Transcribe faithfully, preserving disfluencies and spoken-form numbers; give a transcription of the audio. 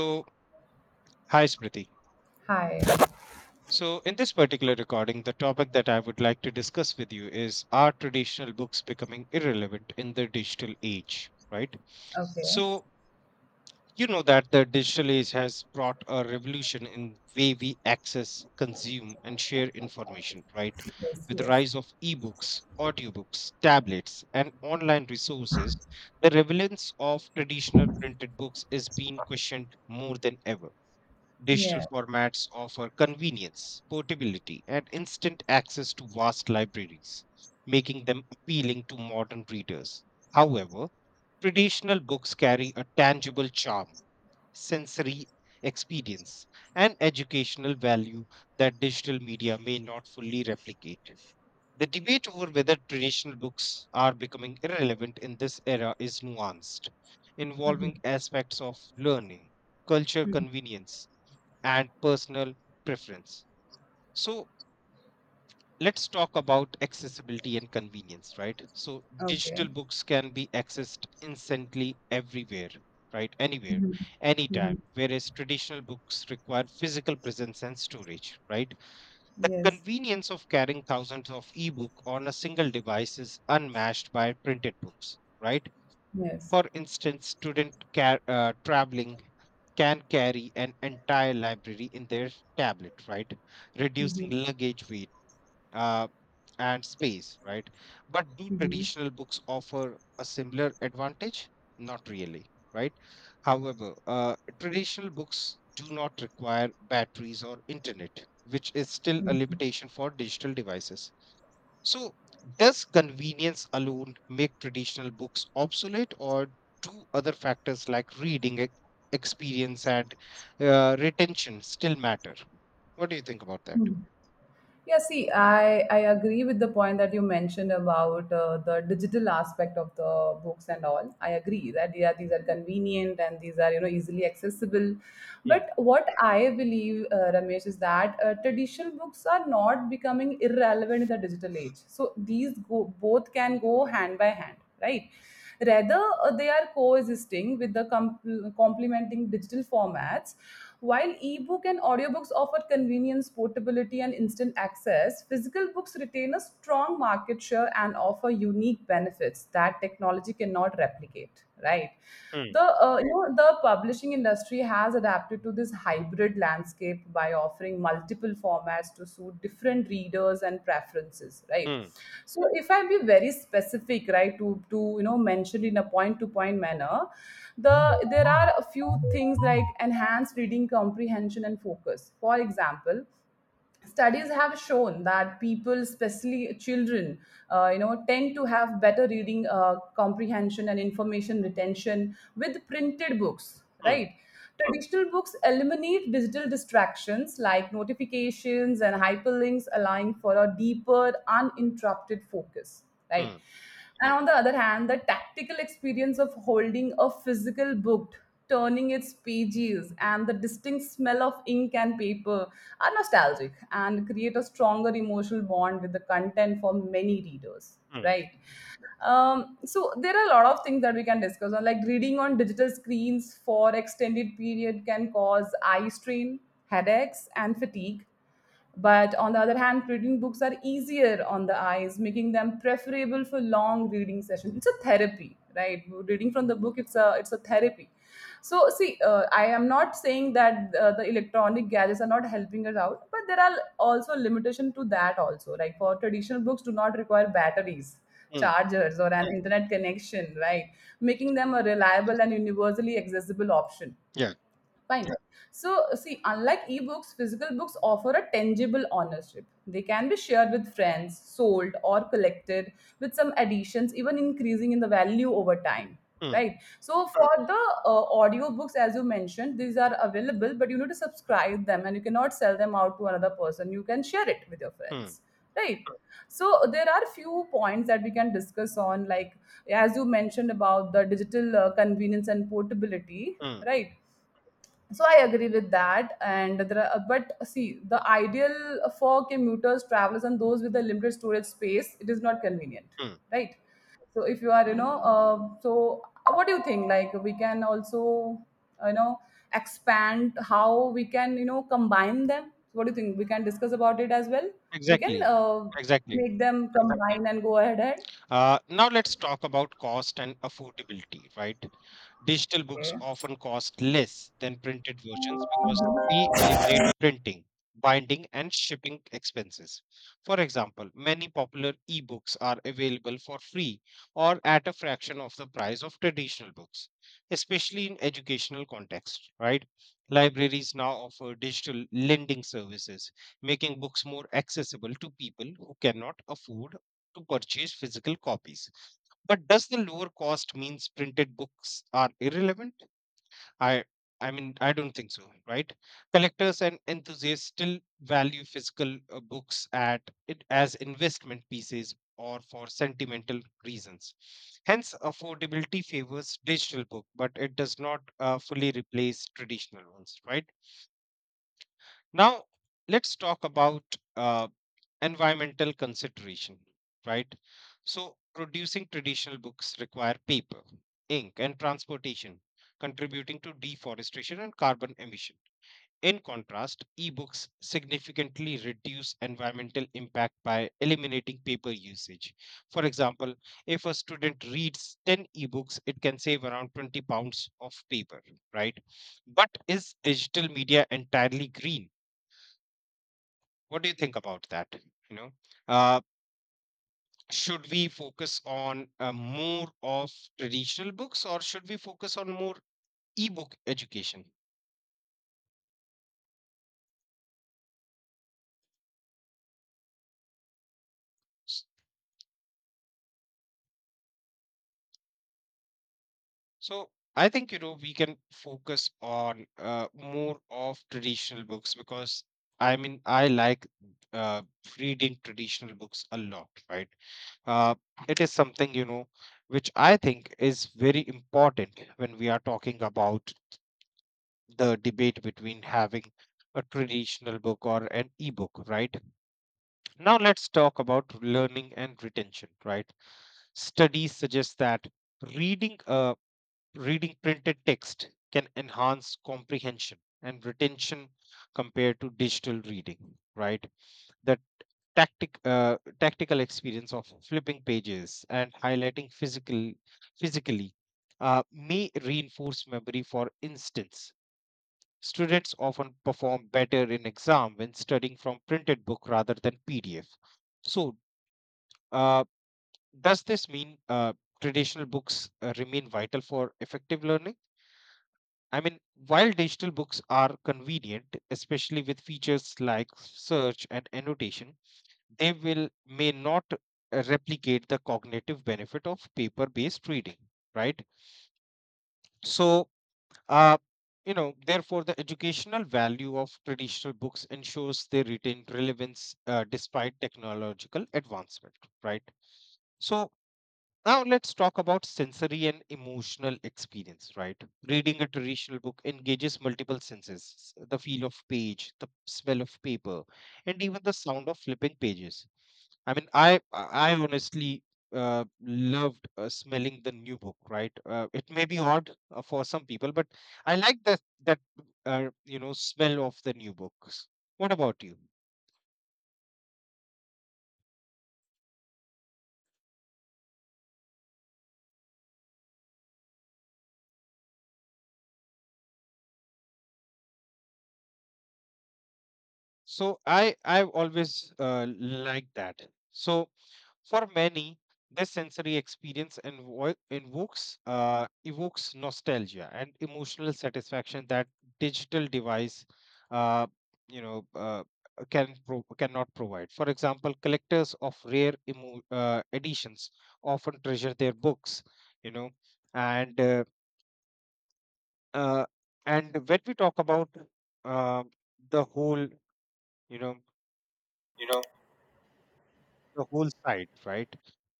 So, hi Smriti. Hi. So, in this particular recording, the topic that I would like to discuss with you is are traditional books becoming irrelevant in the digital age, right? Okay. So, you know that the digital age has brought a revolution in way we access, consume, and share information, right? With the rise of ebooks, audiobooks, tablets, and online resources, the relevance of traditional printed books is being questioned more than ever. Digital Yeah. formats offer convenience, portability, and instant access to vast libraries, making them appealing to modern readers. However, traditional books carry a tangible charm, sensory experience, and educational value that digital media may not fully replicate. The debate over whether traditional books are becoming irrelevant in this era is nuanced, Mhm. involving aspects of learning, culture, Mhm. convenience and personal preference. So let's talk about accessibility and convenience, right? So digital Okay. books can be accessed instantly everywhere, right? Anywhere, Mhm. anytime, Mhm. whereas traditional books require physical presence and storage, right? The Yes. convenience of carrying thousands of ebook on a single device is unmatched by printed books, right? Yes. For instance, student car uh, traveling can carry an entire library in their tablet, right? Reducing Mhm. luggage weight, uh, and space, right? But do Mhm. traditional books offer a similar advantage? Not really, right? However, uh, traditional books do not require batteries or internet, which is still a limitation for digital devices. So, does convenience alone make traditional books obsolete, or do other factors like reading e- experience and uh, retention still matter? What do you think about that? Mhm. Yeah, see, I, I agree with the point that you mentioned about uh, the digital aspect of the books and all. I agree that yeah, these are convenient and these are you know easily accessible. Hmm. But what I believe, uh, Ramesh, is that uh, traditional books are not becoming irrelevant in the digital age. So these go, both can go hand by hand, right? Rather, uh, they are coexisting with the com- complementing digital formats. While ebook and audiobooks offer convenience, portability, and instant access, physical books retain a strong market share and offer unique benefits that technology cannot replicate, right? Hmm. the uh, you know the publishing industry has adapted to this hybrid landscape by offering multiple formats to suit different readers and preferences, right? Hmm. So if I be very specific, right, to to you know mention in a point to point manner, the there are a few things like enhanced reading comprehension and focus. For example, studies have shown that people, especially children, uh, you know tend to have better reading uh, comprehension and information retention with printed books, Hmm. right? Traditional books eliminate digital distractions like notifications and hyperlinks, allowing for a deeper uninterrupted focus, Hmm. right? And on the other hand, the tactical experience of holding a physical book, turning its pages, and the distinct smell of ink and paper are nostalgic and create a stronger emotional bond with the content for many readers, Hmm. right? um, so there are a lot of things that we can discuss on, like reading on digital screens for extended period can cause eye strain, headaches, and fatigue. But on the other hand, reading books are easier on the eyes, making them preferable for long reading sessions. It's a therapy, right? Reading from the book, it's a it's a therapy. So see, uh, I am not saying that uh, the electronic gadgets are not helping us out, but there are also limitation to that also, like for traditional books do not require batteries, Hmm. chargers, or an internet connection, right? Making them a reliable and universally accessible option. Yeah. Fine. So see, unlike ebooks, physical books offer a tangible ownership. They can be shared with friends, sold, or collected with some additions, even increasing in the value over time. Hmm. Right. So for the uh, audiobooks, as you mentioned, these are available, but you need to subscribe them and you cannot sell them out to another person. You can share it with your Hmm. friends. Right. So there are few points that we can discuss on, like as you mentioned about the digital uh, convenience and portability. Hmm. Right, so I agree with that and there are, but see the ideal for commuters, travelers, and those with a limited storage space, it is not convenient, Hmm. right? So if you are you know uh, so what do you think, like we can also, you know expand how we can you know combine them. What do you think? We can discuss about it as well. We can Exactly. uh, Exactly. make them combine and go ahead ahead. Uh, now let's talk about cost and affordability, right? Digital books often cost less than printed versions because they eliminate printing, binding, and shipping expenses. For example, many popular ebooks are available for free or at a fraction of the price of traditional books, especially in educational contexts, right? Libraries now offer digital lending services, making books more accessible to people who cannot afford to purchase physical copies. But does the lower cost means printed books are irrelevant? I I mean I don't think so, right? Collectors and enthusiasts still value physical uh, books at it as investment pieces or for sentimental reasons. Hence, affordability favors digital book, but it does not uh, fully replace traditional ones, right? Now, let's talk about uh, environmental consideration, right? So producing traditional books require paper, ink, and transportation, contributing to deforestation and carbon emission. In contrast, ebooks significantly reduce environmental impact by eliminating paper usage. For example, if a student reads ten ebooks, it can save around twenty pounds of paper, right? But is digital media entirely green? What do you think about that? You know, uh, should we focus on uh, more of traditional books or should we focus on more ebook education? S- so I think, you know, we can focus on uh, more of traditional books because I mean I like uh, reading traditional books a lot, right? uh, it is something, you know, which I think is very important when we are talking about the debate between having a traditional book or an ebook, right? Now let's talk about learning and retention, right? Studies suggest that reading uh, reading printed text can enhance comprehension and retention compared to digital reading, right? The tactic uh, tactical experience of flipping pages and highlighting physical physically uh, may reinforce memory. For instance, students often perform better in exam when studying from printed book rather than P D F. So, uh, does this mean uh, traditional books uh, remain vital for effective learning? I mean, while digital books are convenient, especially with features like search and annotation, they will may not uh, replicate the cognitive benefit of paper-based reading, right? So, uh, you know, therefore, the educational value of traditional books ensures they retain relevance uh, despite technological advancement, right? So, now let's talk about sensory and emotional experience, right? Reading a traditional book engages multiple senses, the feel of page, the smell of paper, and even the sound of flipping pages. I mean, I I honestly uh, loved uh, smelling the new book, right? Uh, it may be odd uh, for some people, but I like that that uh, you know smell of the new books. What about you? So I I've always uh, liked that. So, for many, this sensory experience invo- invokes uh, evokes nostalgia and emotional satisfaction that digital device, uh, you know, uh, can pro- cannot provide. For example, collectors of rare emo- uh, editions often treasure their books, you know, and uh, uh, and when we talk about, uh, the whole, you know, Okay. the whole side, right?